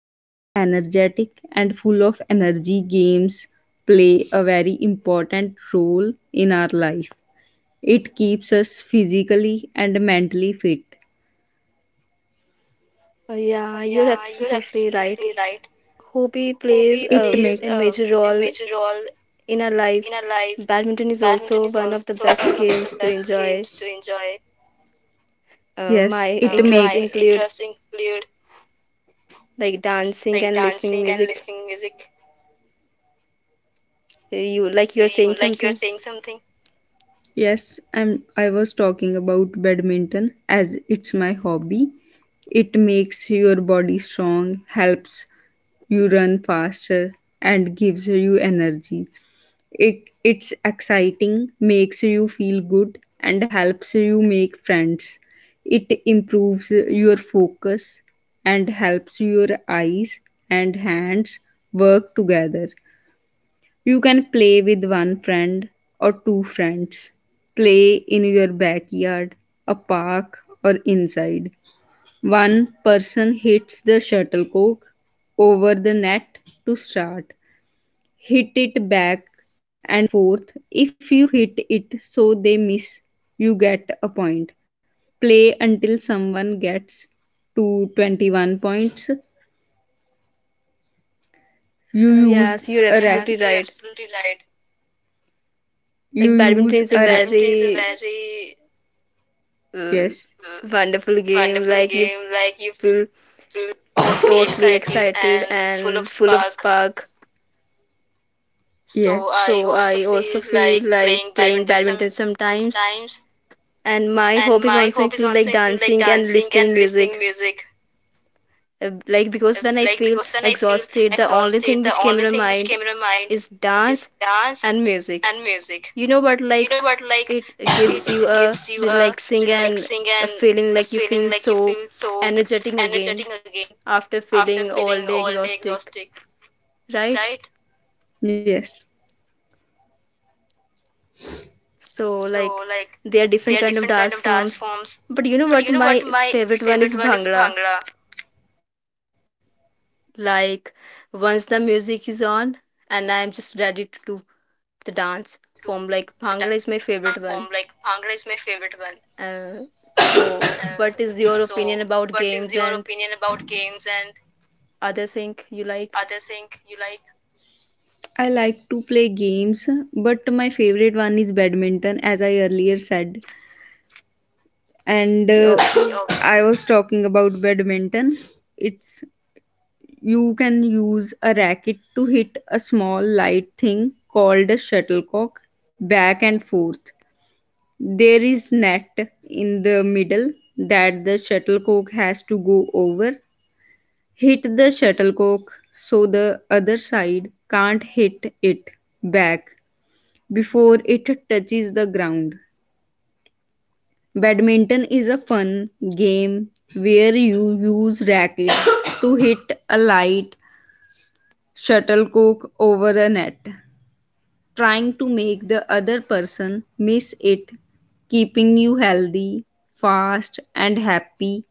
I feel energetic and full of energy. Games play a very important role in our life. It keeps us physically and mentally fit. Yeah, you're absolutely right. Hobby plays It a, makes a major role in our life. Badminton is also one of the best games to enjoy. Yes, My it interests makes include like dancing and listening music. You like you're saying something? Yes, I'm. I was talking about badminton as it's my hobby. It makes your body strong, helps you run faster, and gives you energy. It's exciting, makes you feel good, and helps you make friends. It improves your focus and helps your eyes and hands work together. You can play with one friend or two friends. Play in your backyard, a park, or inside. One person hits the shuttlecock over the net to start. Hit it back and forth. If you hit it so they miss, you get a point. Play until someone gets to 21 points. You use Yes, you're a absolutely racket. right. Like badminton use is a a racket. very uh, Yes. wonderful game. Like you feel totally excited and full of spark. So I Yes. also feel like playing badminton sometimes. And my hobbies also include like dancing and listening music. Like because when I feel exhausted, the only thing which came in my mind is dance and music. You know, but like it gives you a relaxing and a feeling like you feel so energetic again after feeling all day exhausted, right. Yes. So like there are different kind of dance forms, but you know what, my favorite one is bhangra, Okay. like Okay. once the music is on and I'm just ready to do the dance form, like bhangra is my favorite one. uh, so what is your opinion about games and other thing you like? I like to play games, but my favorite one is badminton, as I earlier said. And Yeah, okay. I was talking about badminton. It's You can use a racket to hit a small light thing called a shuttlecock back and forth. There is net in the middle that the shuttlecock has to go over. Hit the shuttlecock so the other side can't hit it back before it touches the ground. Badminton is a fun game where you use rackets to hit a light shuttlecock over a net, trying to make the other person miss it, keeping you healthy, fast, and happy,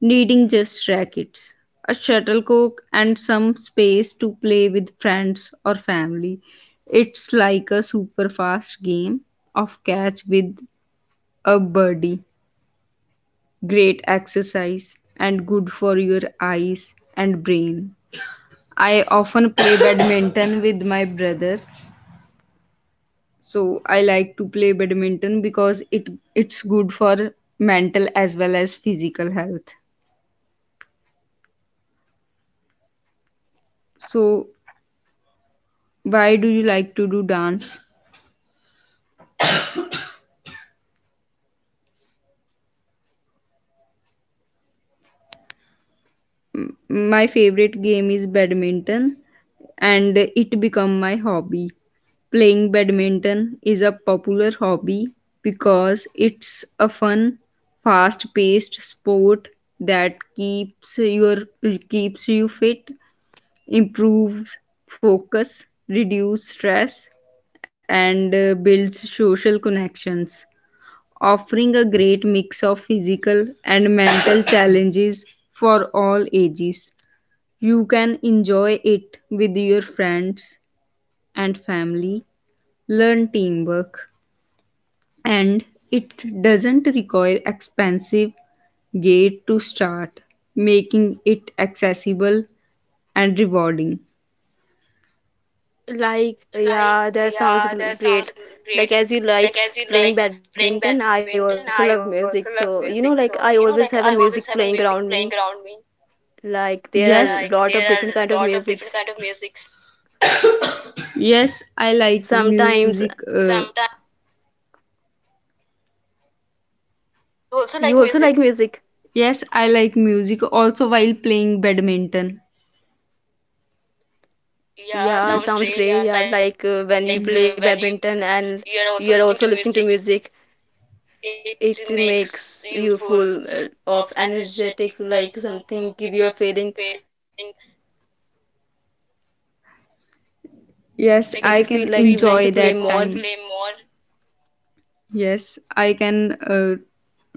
needing just rackets, a shuttlecock, and some space to play with friends or family. It's like a super fast game of catch with a birdie. Great exercise and good for your eyes and brain. I often play badminton with my brother. So I like to play badminton because it's good for mental as well as physical health. So why do you like to do dance? My favorite game is badminton and it become my hobby. Playing badminton is a popular hobby because it's a fun, fast-paced sport that keeps you fit, improves focus, reduce stress, and builds social connections, offering a great mix of physical and mental challenges for all ages. You can enjoy it with your friends and family, learn teamwork, and it doesn't require expensive gate to start, making it accessible and rewarding. Like, yeah, that sounds great. Like, as you like playing badminton, I also love music. So, you know, like I always have a music playing around me. Like, there are Yes, a lot of different kind of musics. yes, I like Sometimes music. Uh, you also like music. yes, I like music also while playing badminton. Yeah, sounds great. Yeah, like when you play badminton and you are also listening to music, it makes you full of energetic, like something give you a feeling Yes, because I like you can feel like you enjoy want to that play time. more. Yes, I can uh,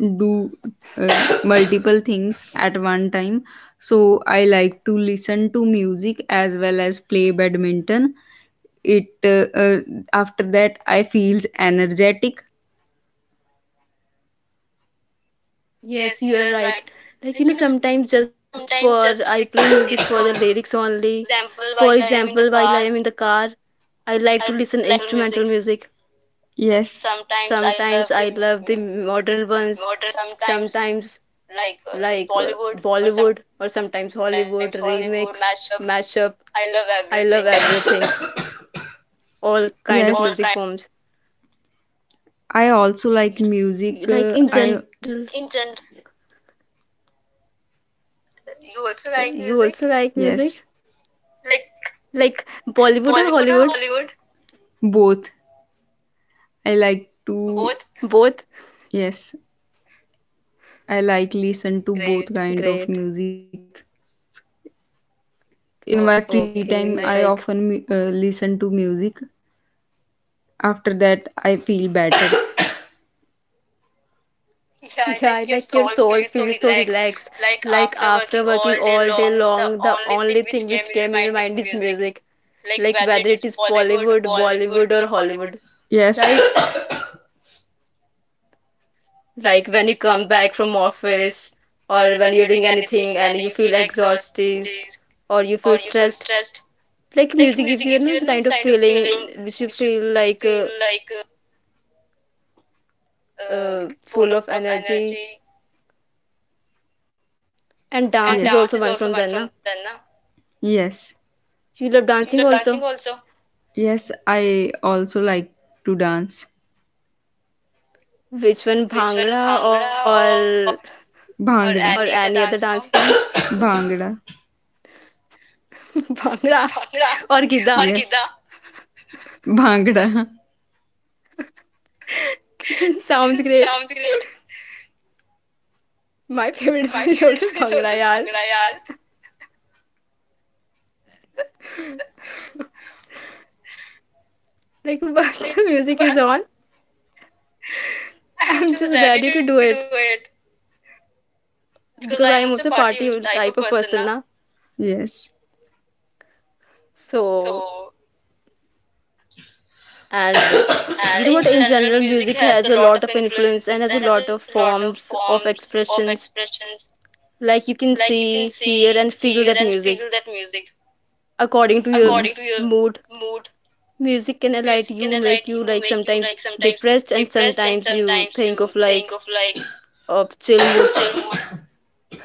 do uh, multiple things at one time. So I like to listen to music as well as play badminton. It uh, After that I feels energetic. Yes, you are right. Like, you know, sometimes just for I play music for the lyrics only. For example, while I am in the car, I like to listen instrumental music. Yes, Sometimes I love the modern ones. Sometimes like Bollywood or sometimes Hollywood remix, mashup. I love everything, all kind of yes, music forms. I also like music. Like in I general, you also like music? Like Bollywood or Hollywood? Both. I like to Both? Yes. I like listen to both kind of Great. music. In my free time, I Okay, often like listen to music. After that, I feel better. yeah, like your soul feels so relaxed. Like after working all day long, the only thing which came in your mind is music. Like whether it is Bollywood or Hollywood, Yes. right? Like when you come back from office or when you're doing anything and you feel exhausted or you feel stressed, like music gives you another kind of feeling which you feel like full of energy. And dance is also one Yes. from them, na? Yes. You love dancing also, Yes, I also like to dance. which one, bhangra Or or any other Bhangra. dance form. Bhangra. Bhangra or Gidda. Yes. Bhangra. Sounds great. My favorite one is also Bhangra, yaar. Like, once the music is on, I'm just ready to do it because I am also party type of person, na. Yes. So, and you know what? In general, music has a lot of influence and has a lot of forms of expressions. Like you can see, hear, and feel that music according to your Yes. mood. Music can alight you, make you like sometimes depressed, and sometimes you think of like of chill mood.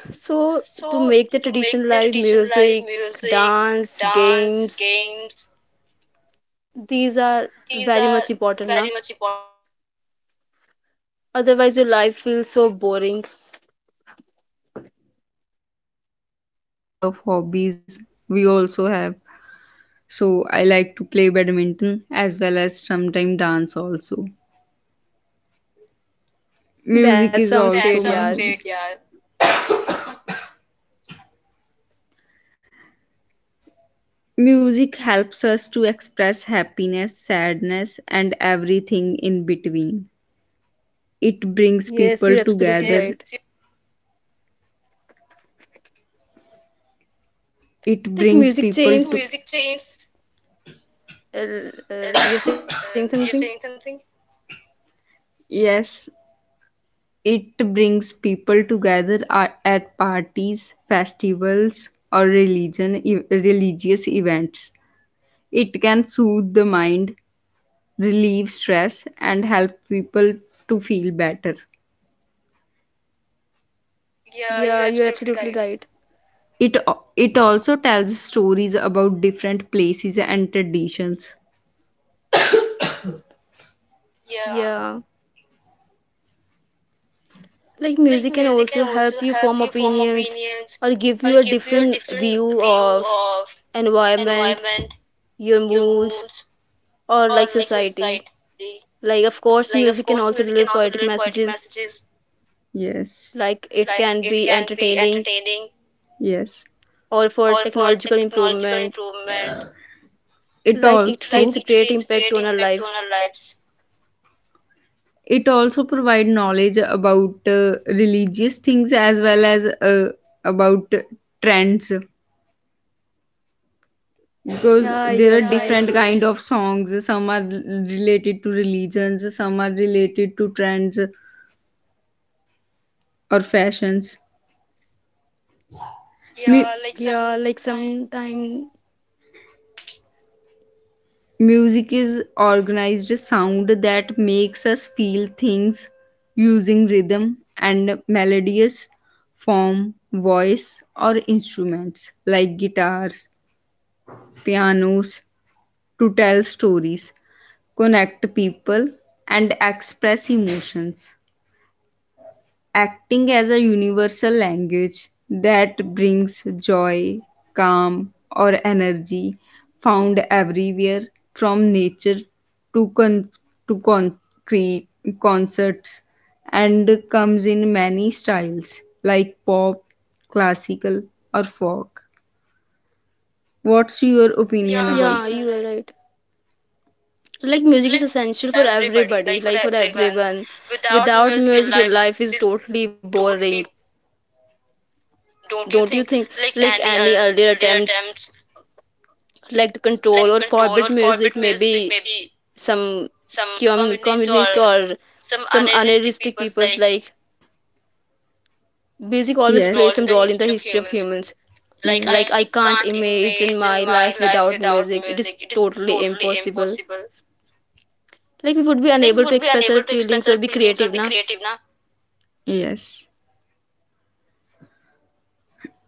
So to make the tradition live music, dance, games, these are very much important now, Yes, everyone has otherwise your life feels different. so boring. Yes, everyone has different kind of hobbies. We also have. So I like to play badminton as well as sometimes dance also. That Music is sounds That great, also my yeah. hobby. Music helps us to express happiness, sadness, and everything in between. It brings Yes, you're people absolutely together. right. It Like brings music people to. changes, uh, you're saying something? Yes, it brings people together at parties, festivals, or religious events. It can soothe the mind, relieve stress, and help people to feel better. Yeah, you're absolutely right. It it also tells stories about different places and traditions. Yeah, like music can also help you form opinions or give you a different view of environment, your moods, or like society. Like of course music can also deliver poetic messages, Yes, like it can be entertaining yes. or for technological improvement, It like it also in creates a great impact on our lives. our it also provide knowledge about religious things as well as about trends, because Yeah, there you're are right. different kind of songs. Some are related to religions, some are related to trends or fashions. Me- Yeah, like sometime, Music is organized sound that makes us feel things using rhythm and melodious form, voice, or instruments like guitars, pianos to tell stories, connect people, and express emotions, acting as a universal language that brings joy, calm, or energy, found everywhere from nature to, con- to concrete concerts, and comes in many styles like pop, classical, or folk. What's your opinion about yeah, you are it? right. So, like music is essential for everybody, like for everyone. Without music your life is totally boring, don't you think? Like any earlier attempts like to control or forbid music, maybe some communist or some unrealistic people's, like music always Yes. plays some role in the history of humans. Like I Yeah. can't imagine my life without music. It is totally impossible. Like we would be unable to express our feelings or be creative, na. Yes.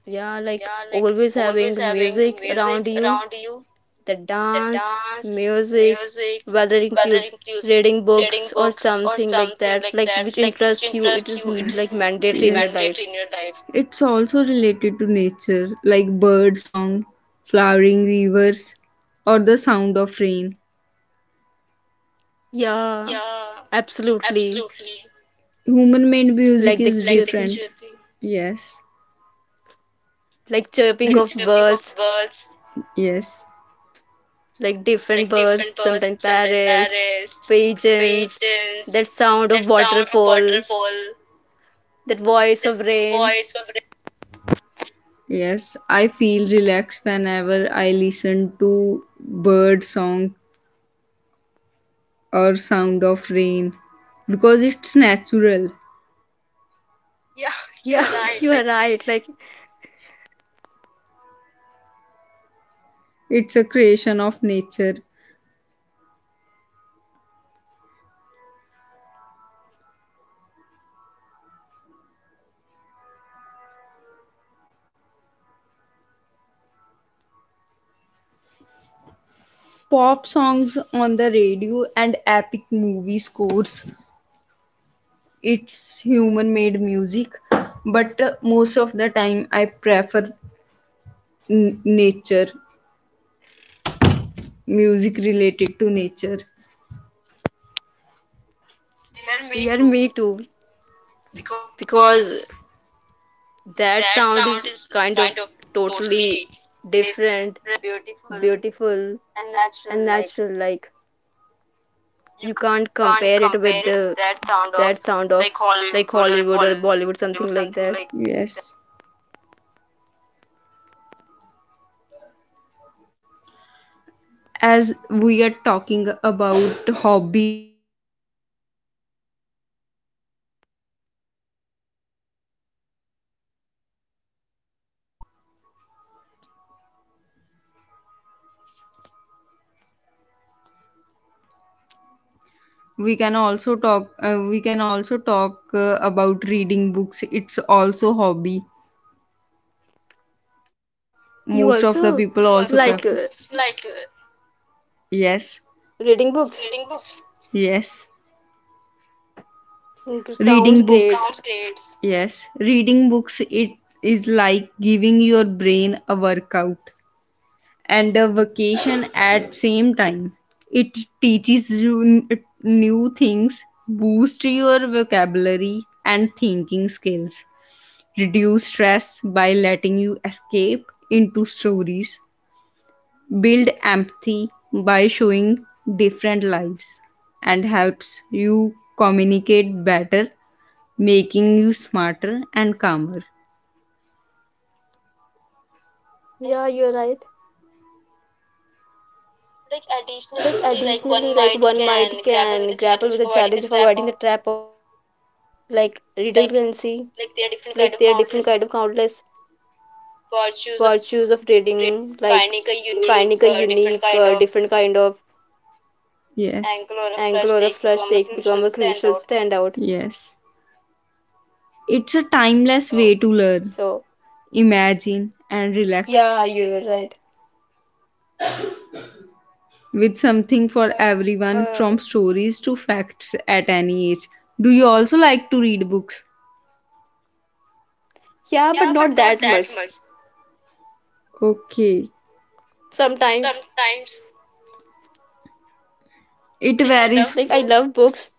Yeah, like always having music around you, the dance, music, whether it includes reading books or something like that, like which interests you, it is Yes. like mandatory in your life. It's also related to nature, like bird song, flowering rivers, or the sound of rain. Yeah, absolutely. Human made music Like the is different. chirping, Yes, like chirping of birds, yes, like different birds, sometimes parrots, pigeons, that sound of waterfall, that voice of rain. yes. I feel relaxed whenever I listen to bird song or sound of rain because it's natural. Yeah, you are right. Like, It's a creation of nature. Pop songs on the radio and epic movie scores. It's human made music, but most of the time I prefer nature, music related to nature. yeah, me too, because that sound is kind of totally different, beautiful, and natural. Like you can't compare it with the that sound of like Hollywood or Bollywood something like that. Yes. As we are talking about hobbies, there are also many hobbies like reading books. We can also talk uh, we can also talk about reading books. It's also hobby. You Most of the also people also prefer. like Yes, reading books? yes, Mm, sounds reading great. books. Yes, reading books, it is like giving your brain a workout and a vacation at same time. It teaches you new things, boosts your vocabulary and thinking skills, reduce stress by letting you escape into stories, build empathy by showing different lives, and helps you communicate better, making you smarter and calmer. Yeah, you're right. Like additionally, like one might can grapple with the challenge of avoiding the trap of like redundancy. Like there are different kind of countless virtues of reading, like finding a unique, different kind of Yes. angle or a flush take become a crucial standout. Yes, it's a timeless way to learn, So, imagine, and relax yeah, you're right. with something for everyone Uh, from stories to facts at any age. Do you also like to read books? yeah, but not that much. Okay. Sometimes, It varies, like, I love books,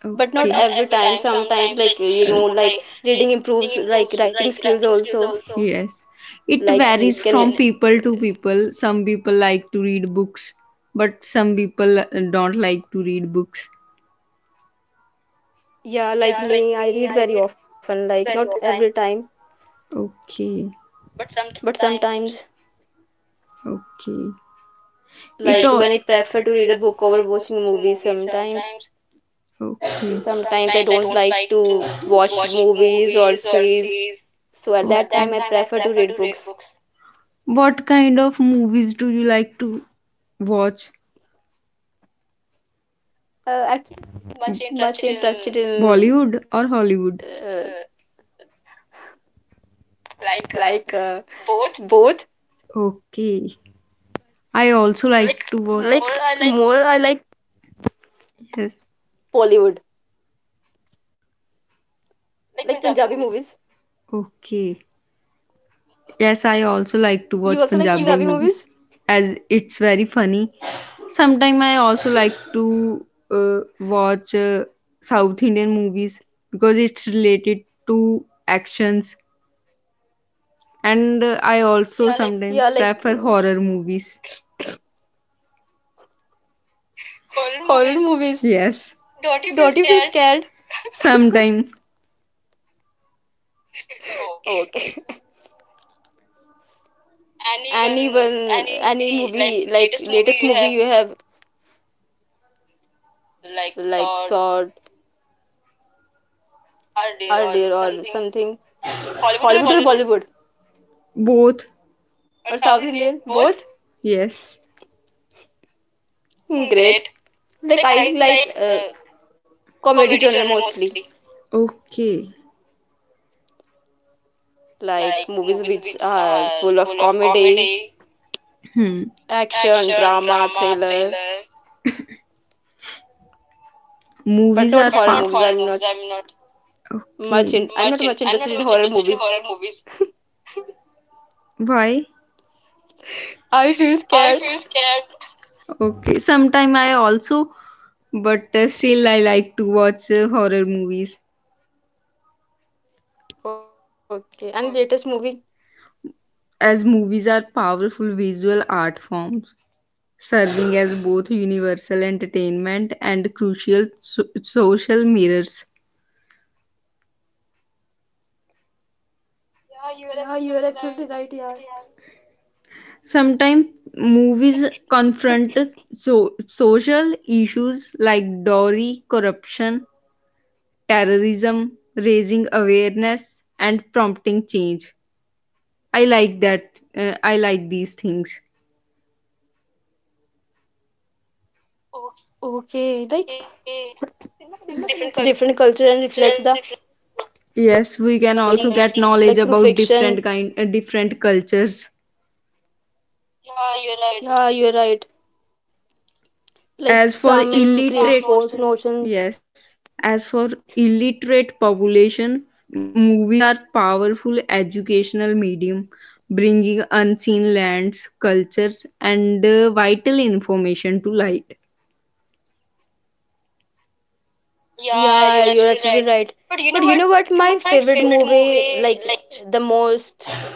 but but okay. not every time. Sometimes, like, you uh, know, like, reading improves, like, writing skills also. Yes. It like Like, varies it can, from can, uh, people to people. Some people like to read books, but some people don't like to read books. yeah, like me, I read very often, like, not every time, Okay. but sometimes Okay. It like all when I prefer to read a book over watching a movie sometimes. okay. Sometimes I don't like to watch movies or series, so at Okay. that time I Okay. prefer to read books. What kind of movies do you like to watch? Am much interested in Bollywood or Hollywood? uh, like both. Okay. I also like to watch. Like more, I like Yes. Bollywood, like Punjabi movies. Okay. Yes, I also like to watch You also Punjabi like Punjabi movies movies? as it's very funny. Sometimes I also like to watch South Indian movies because it's related to actions, and I also sometimes Yeah, like prefer uh, horror movies. horror movies. Yes, Don't you feel scared? sometimes Okay. Anyone, any movie, like latest movie you have like saw earlier or something? Hollywood or Bollywood both. or South Indian? Both? Yes, Great. Like I like comedy genre mostly. okay. Like movies which are full of comedy, Hmm. action, drama, thriller, Movies are but power. not power. horror movies. Okay, I'm not much interested in horror movies. why? I feel scared. Okay, sometime I also, but still I like to watch horror movies, Okay, and latest movie? as movies are powerful visual art forms, serving as both universal entertainment and crucial social mirrors. Yeah, you are absolutely right, yeah. Sometimes movies confront social issues like dowry, corruption, terrorism, raising awareness and prompting change. I like that. I like these things. Okay, like cinema connects different culture and reflects the Yes, we can society, also get like through knowledge about fiction. Different cultures. Yeah, you're right. Like As for some create illiterate, false notions. yes, as for illiterate population, movies are powerful educational medium, bringing unseen lands, cultures, and vital information to light. Yeah, you're absolutely right. But you know what? My favorite movie, like the most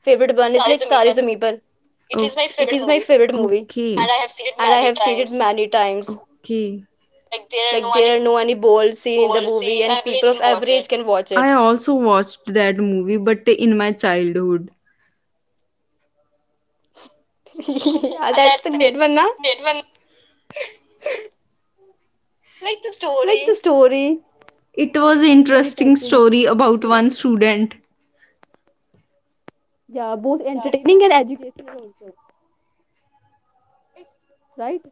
favorite one, is like Tare Zameen Par. It is my favorite It is movie. my favorite movie, Okay. And I have seen it and many I have seen it times. many times. Okay. Like there are no any bold scene in the movie, and people of every age can watch I it. also watched that movie, but in my childhood. Yeah, that's the great one, na? Like the story It was an is very interesting touching. story about L- one student. Yeah, both entertaining and educational also, right?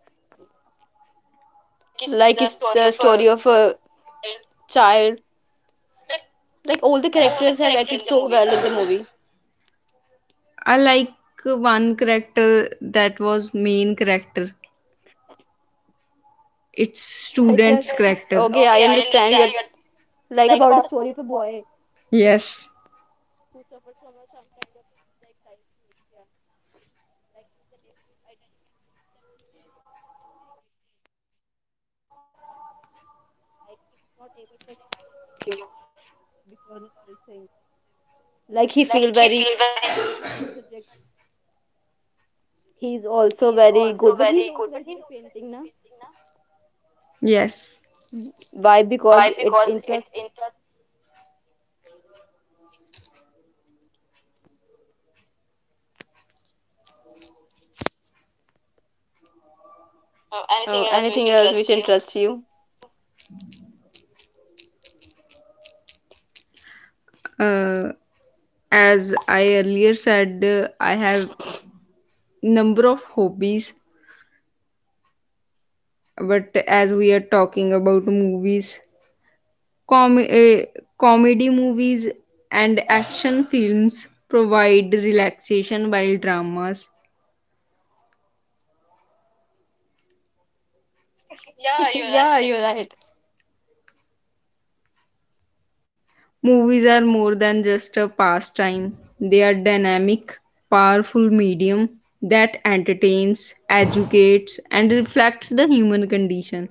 Like it's the story of a child. Like all the characters have acted so well in the movie. I like one character that was main character. It's Like you're student's character. okay, I understand you're like about a story of a boy who Yes. suffered from a, some kind of disease like dyslexia. Like he's unable to identify, like he's not able to explain anything because of this thing. Like he feel very difficult to study subjects. He's also very good, but he's also very good at painting, na? Yes. Why? Because it interests him. Oh, anything else which interests you? uh, as I earlier said, I have number of hobbies, but as we are talking about movies, com- uh, comedy movies and action films provide relaxation while dramas. Yeah, you're right. Movies are more than just a pastime, they are dynamic, powerful medium that entertains, educates and reflects the human condition,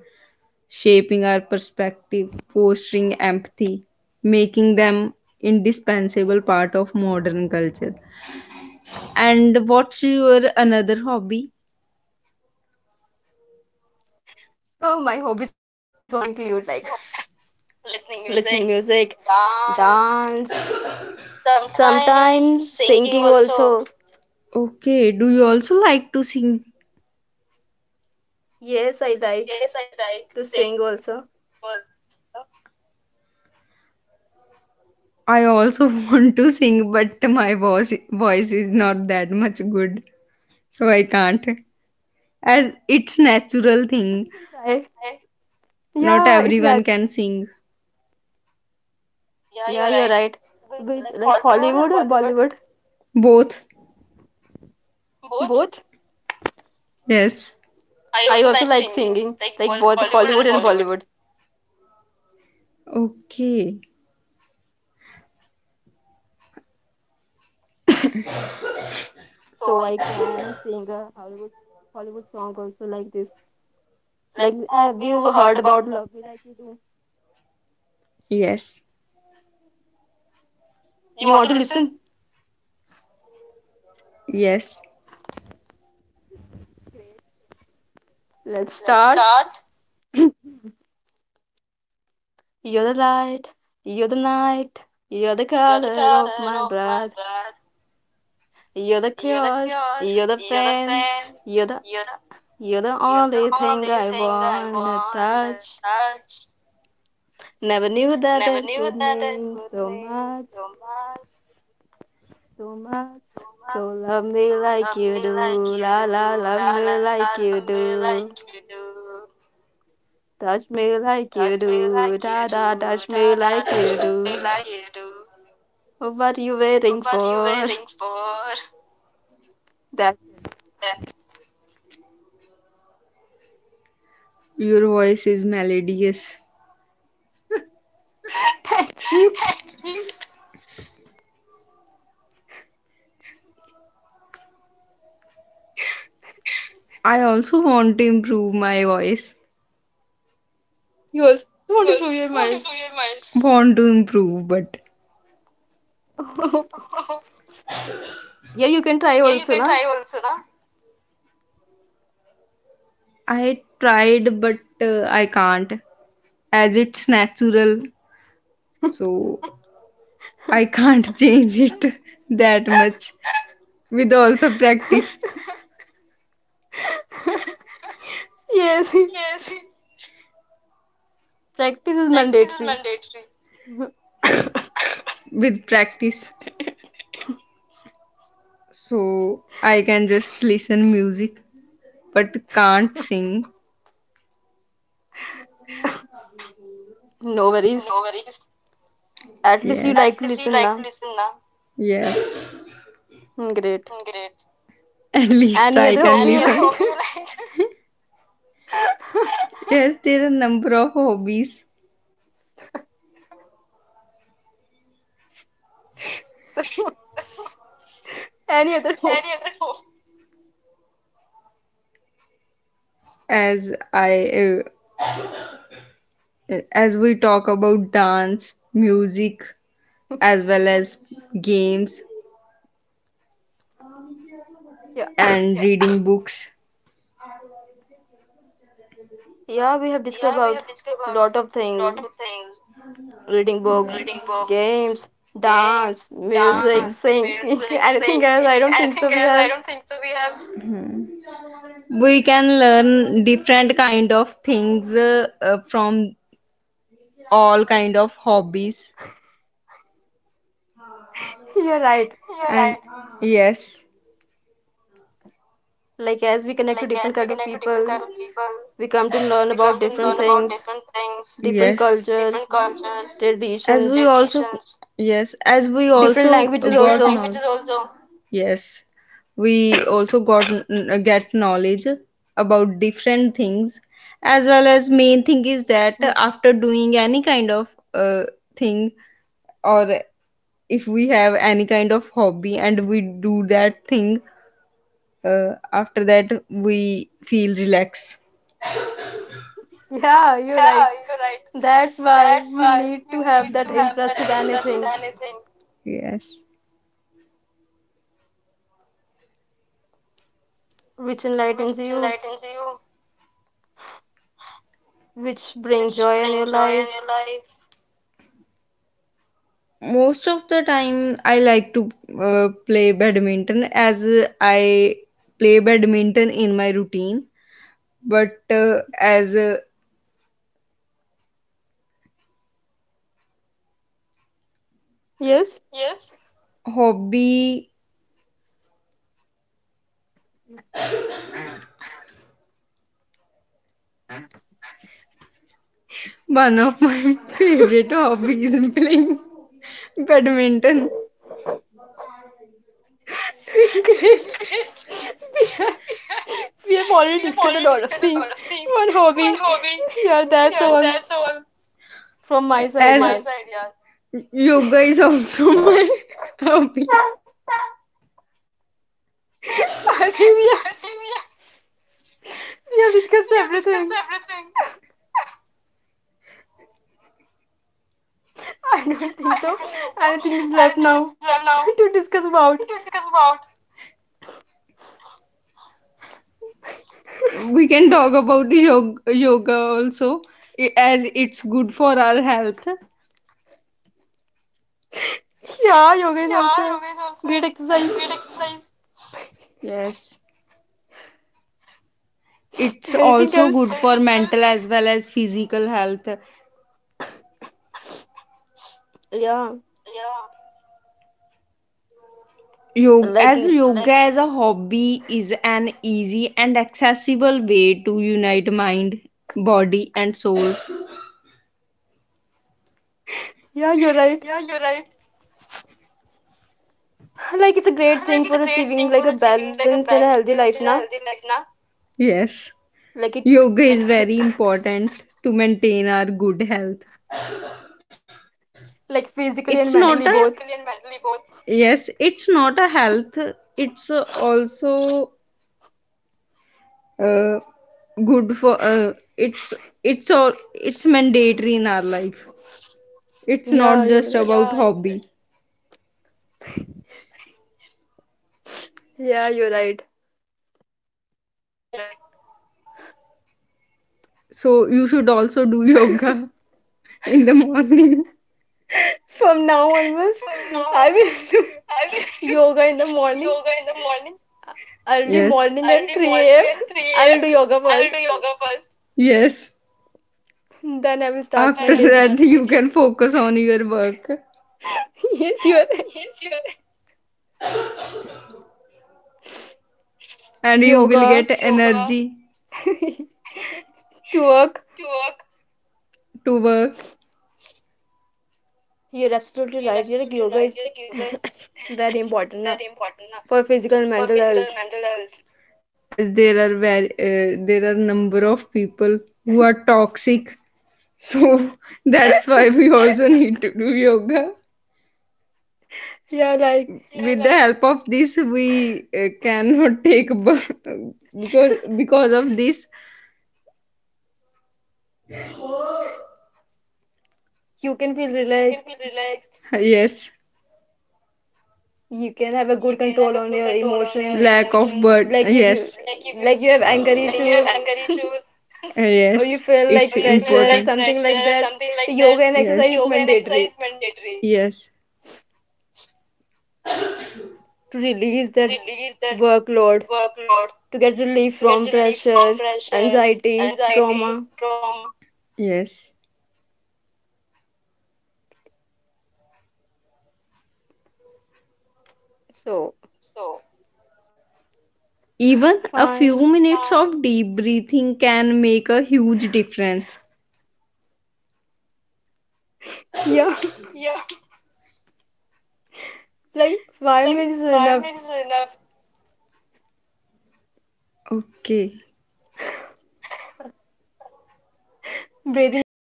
shaping our perspective, fostering empathy, making them indispensable part of modern culture. And what's your another hobby? Oh, my hobbies only include like listening music, dance, sometimes singing also. Okay, do you also like to sing? Yes, I like to sing also. I also want to sing, but my voice is not that much good, so I can't. As it's natural But you thing, can try. not Yeah, it's everyone that. can sing. Yeah, you're right. Which, like, Hollywood or Bollywood? Both. Both. Yes. I also like singing, like both Hollywood and Bollywood. Okay. So I can sing a Hollywood song also like this. Like have you heard about Love Me Like You Do? Yes, You want to listen? yes, Let's start. You're the light, you're the night, you're the color of my blood. You're the cure, you're the pain, you're the you're the only thing I wanna touch. Never knew that it could mean so much, so much. So love me like you do, la la, love me like you do. Touch me like you do, da da, touch me like you do. Oh, what are you waiting for? That your voice is melodious. thank you. I also want to improve my voice. You also want to You prove your also minds. voice. Want to improve, but Here you can try also, na? I tried, but I can't. As it's natural, so I can't change it that much with also practice. Yes, practice is mandatory. With practice, so I can just listen music but can't sing. No worries. At least you Yes. like to Yes, listen now. yes. Hmm, great. At least Any I other can hobby you listen. like? Yes, there are number of hobbies, Sorry. Any other hobby? as I uh, as we talk about dance, music, as well as games Yeah, and reading books. yeah. We have discussed about lot of things: reading books, games, dance, music, singing. Anything else? I don't think so. We have. We can learn different kind of things from all kind of hobbies. You're right. And yes. Like as we connect to different kind of people, we come to learn about different things, different Yes. cultures, As traditions, we also yes, as we different also languages different got also. knowledge. Yes. We also get knowledge about different things, as well as main thing is that Hmm. after doing any kind of thing, or if we have any kind of hobby and we do that thing, uh, after that we feel relaxed. Yeah, you're right. That's why you need to have that interest in anything Yes. which enlightens you, which bring joy in your life. Most of the time I like to play badminton, as I play badminton in my routine, but as a Yes. hobby, one of my favorite hobbies is playing badminton, Great. We have, we have already discussed a lot of things. One hobby. Yeah, that's all from my side, as yeah. yoga is also my hobby. I think we have discussed everything. I don't think so. Anything is left now to discuss about. We can talk about yoga, yoga also, as it's good for our health. Yeah, yoga is also great exercise. Yes, it's Anything also good else? for mental as well as physical health. Yeah, yoga like as it. yoga as a hobby is an easy and accessible way to unite mind, body and soul. Yeah, you're right. Like it's a great thing for achieving like a balanced and a healthy life, na? Yes. Like it Yoga is very important to maintain our good health. like physically It's and not a mentally both. Yes, it's not a health. It's also uh, good for, it's mandatory in our life. It's Yeah, not you're just right. about hobby, Yeah, you're right. so you should also do yoga in the morning. From now onwards, I will do yoga in the morning. uh, Early Yes. morning at 3 a.m. I will do yoga first. Yes. Then I will start my After day with that you can focus on your work yes, you are right. and you will Yoga get energy to work. to work. You're absolutely right. Yeah, like yoga is very important, na, for physical and mental health. As there are very There are number of people who are toxic, so that's why we also need to do yoga. Yeah, like With the help of this we cannot take because of this. you can feel relaxed. Yes. You can have a good control on your emotions. Lack of bird. Like if you, Yes. Like, like you have anger issues, or you yes, feel it's like like pressure or important. something like that, yoga and Yes, exercise is mandatory yes, to release that workload, to get relief from pressure, anxiety, trauma. yes. So Even a fine. few minutes of deep breathing can make a huge difference. Yeah, like 5 minutes is enough. Okay. Breathing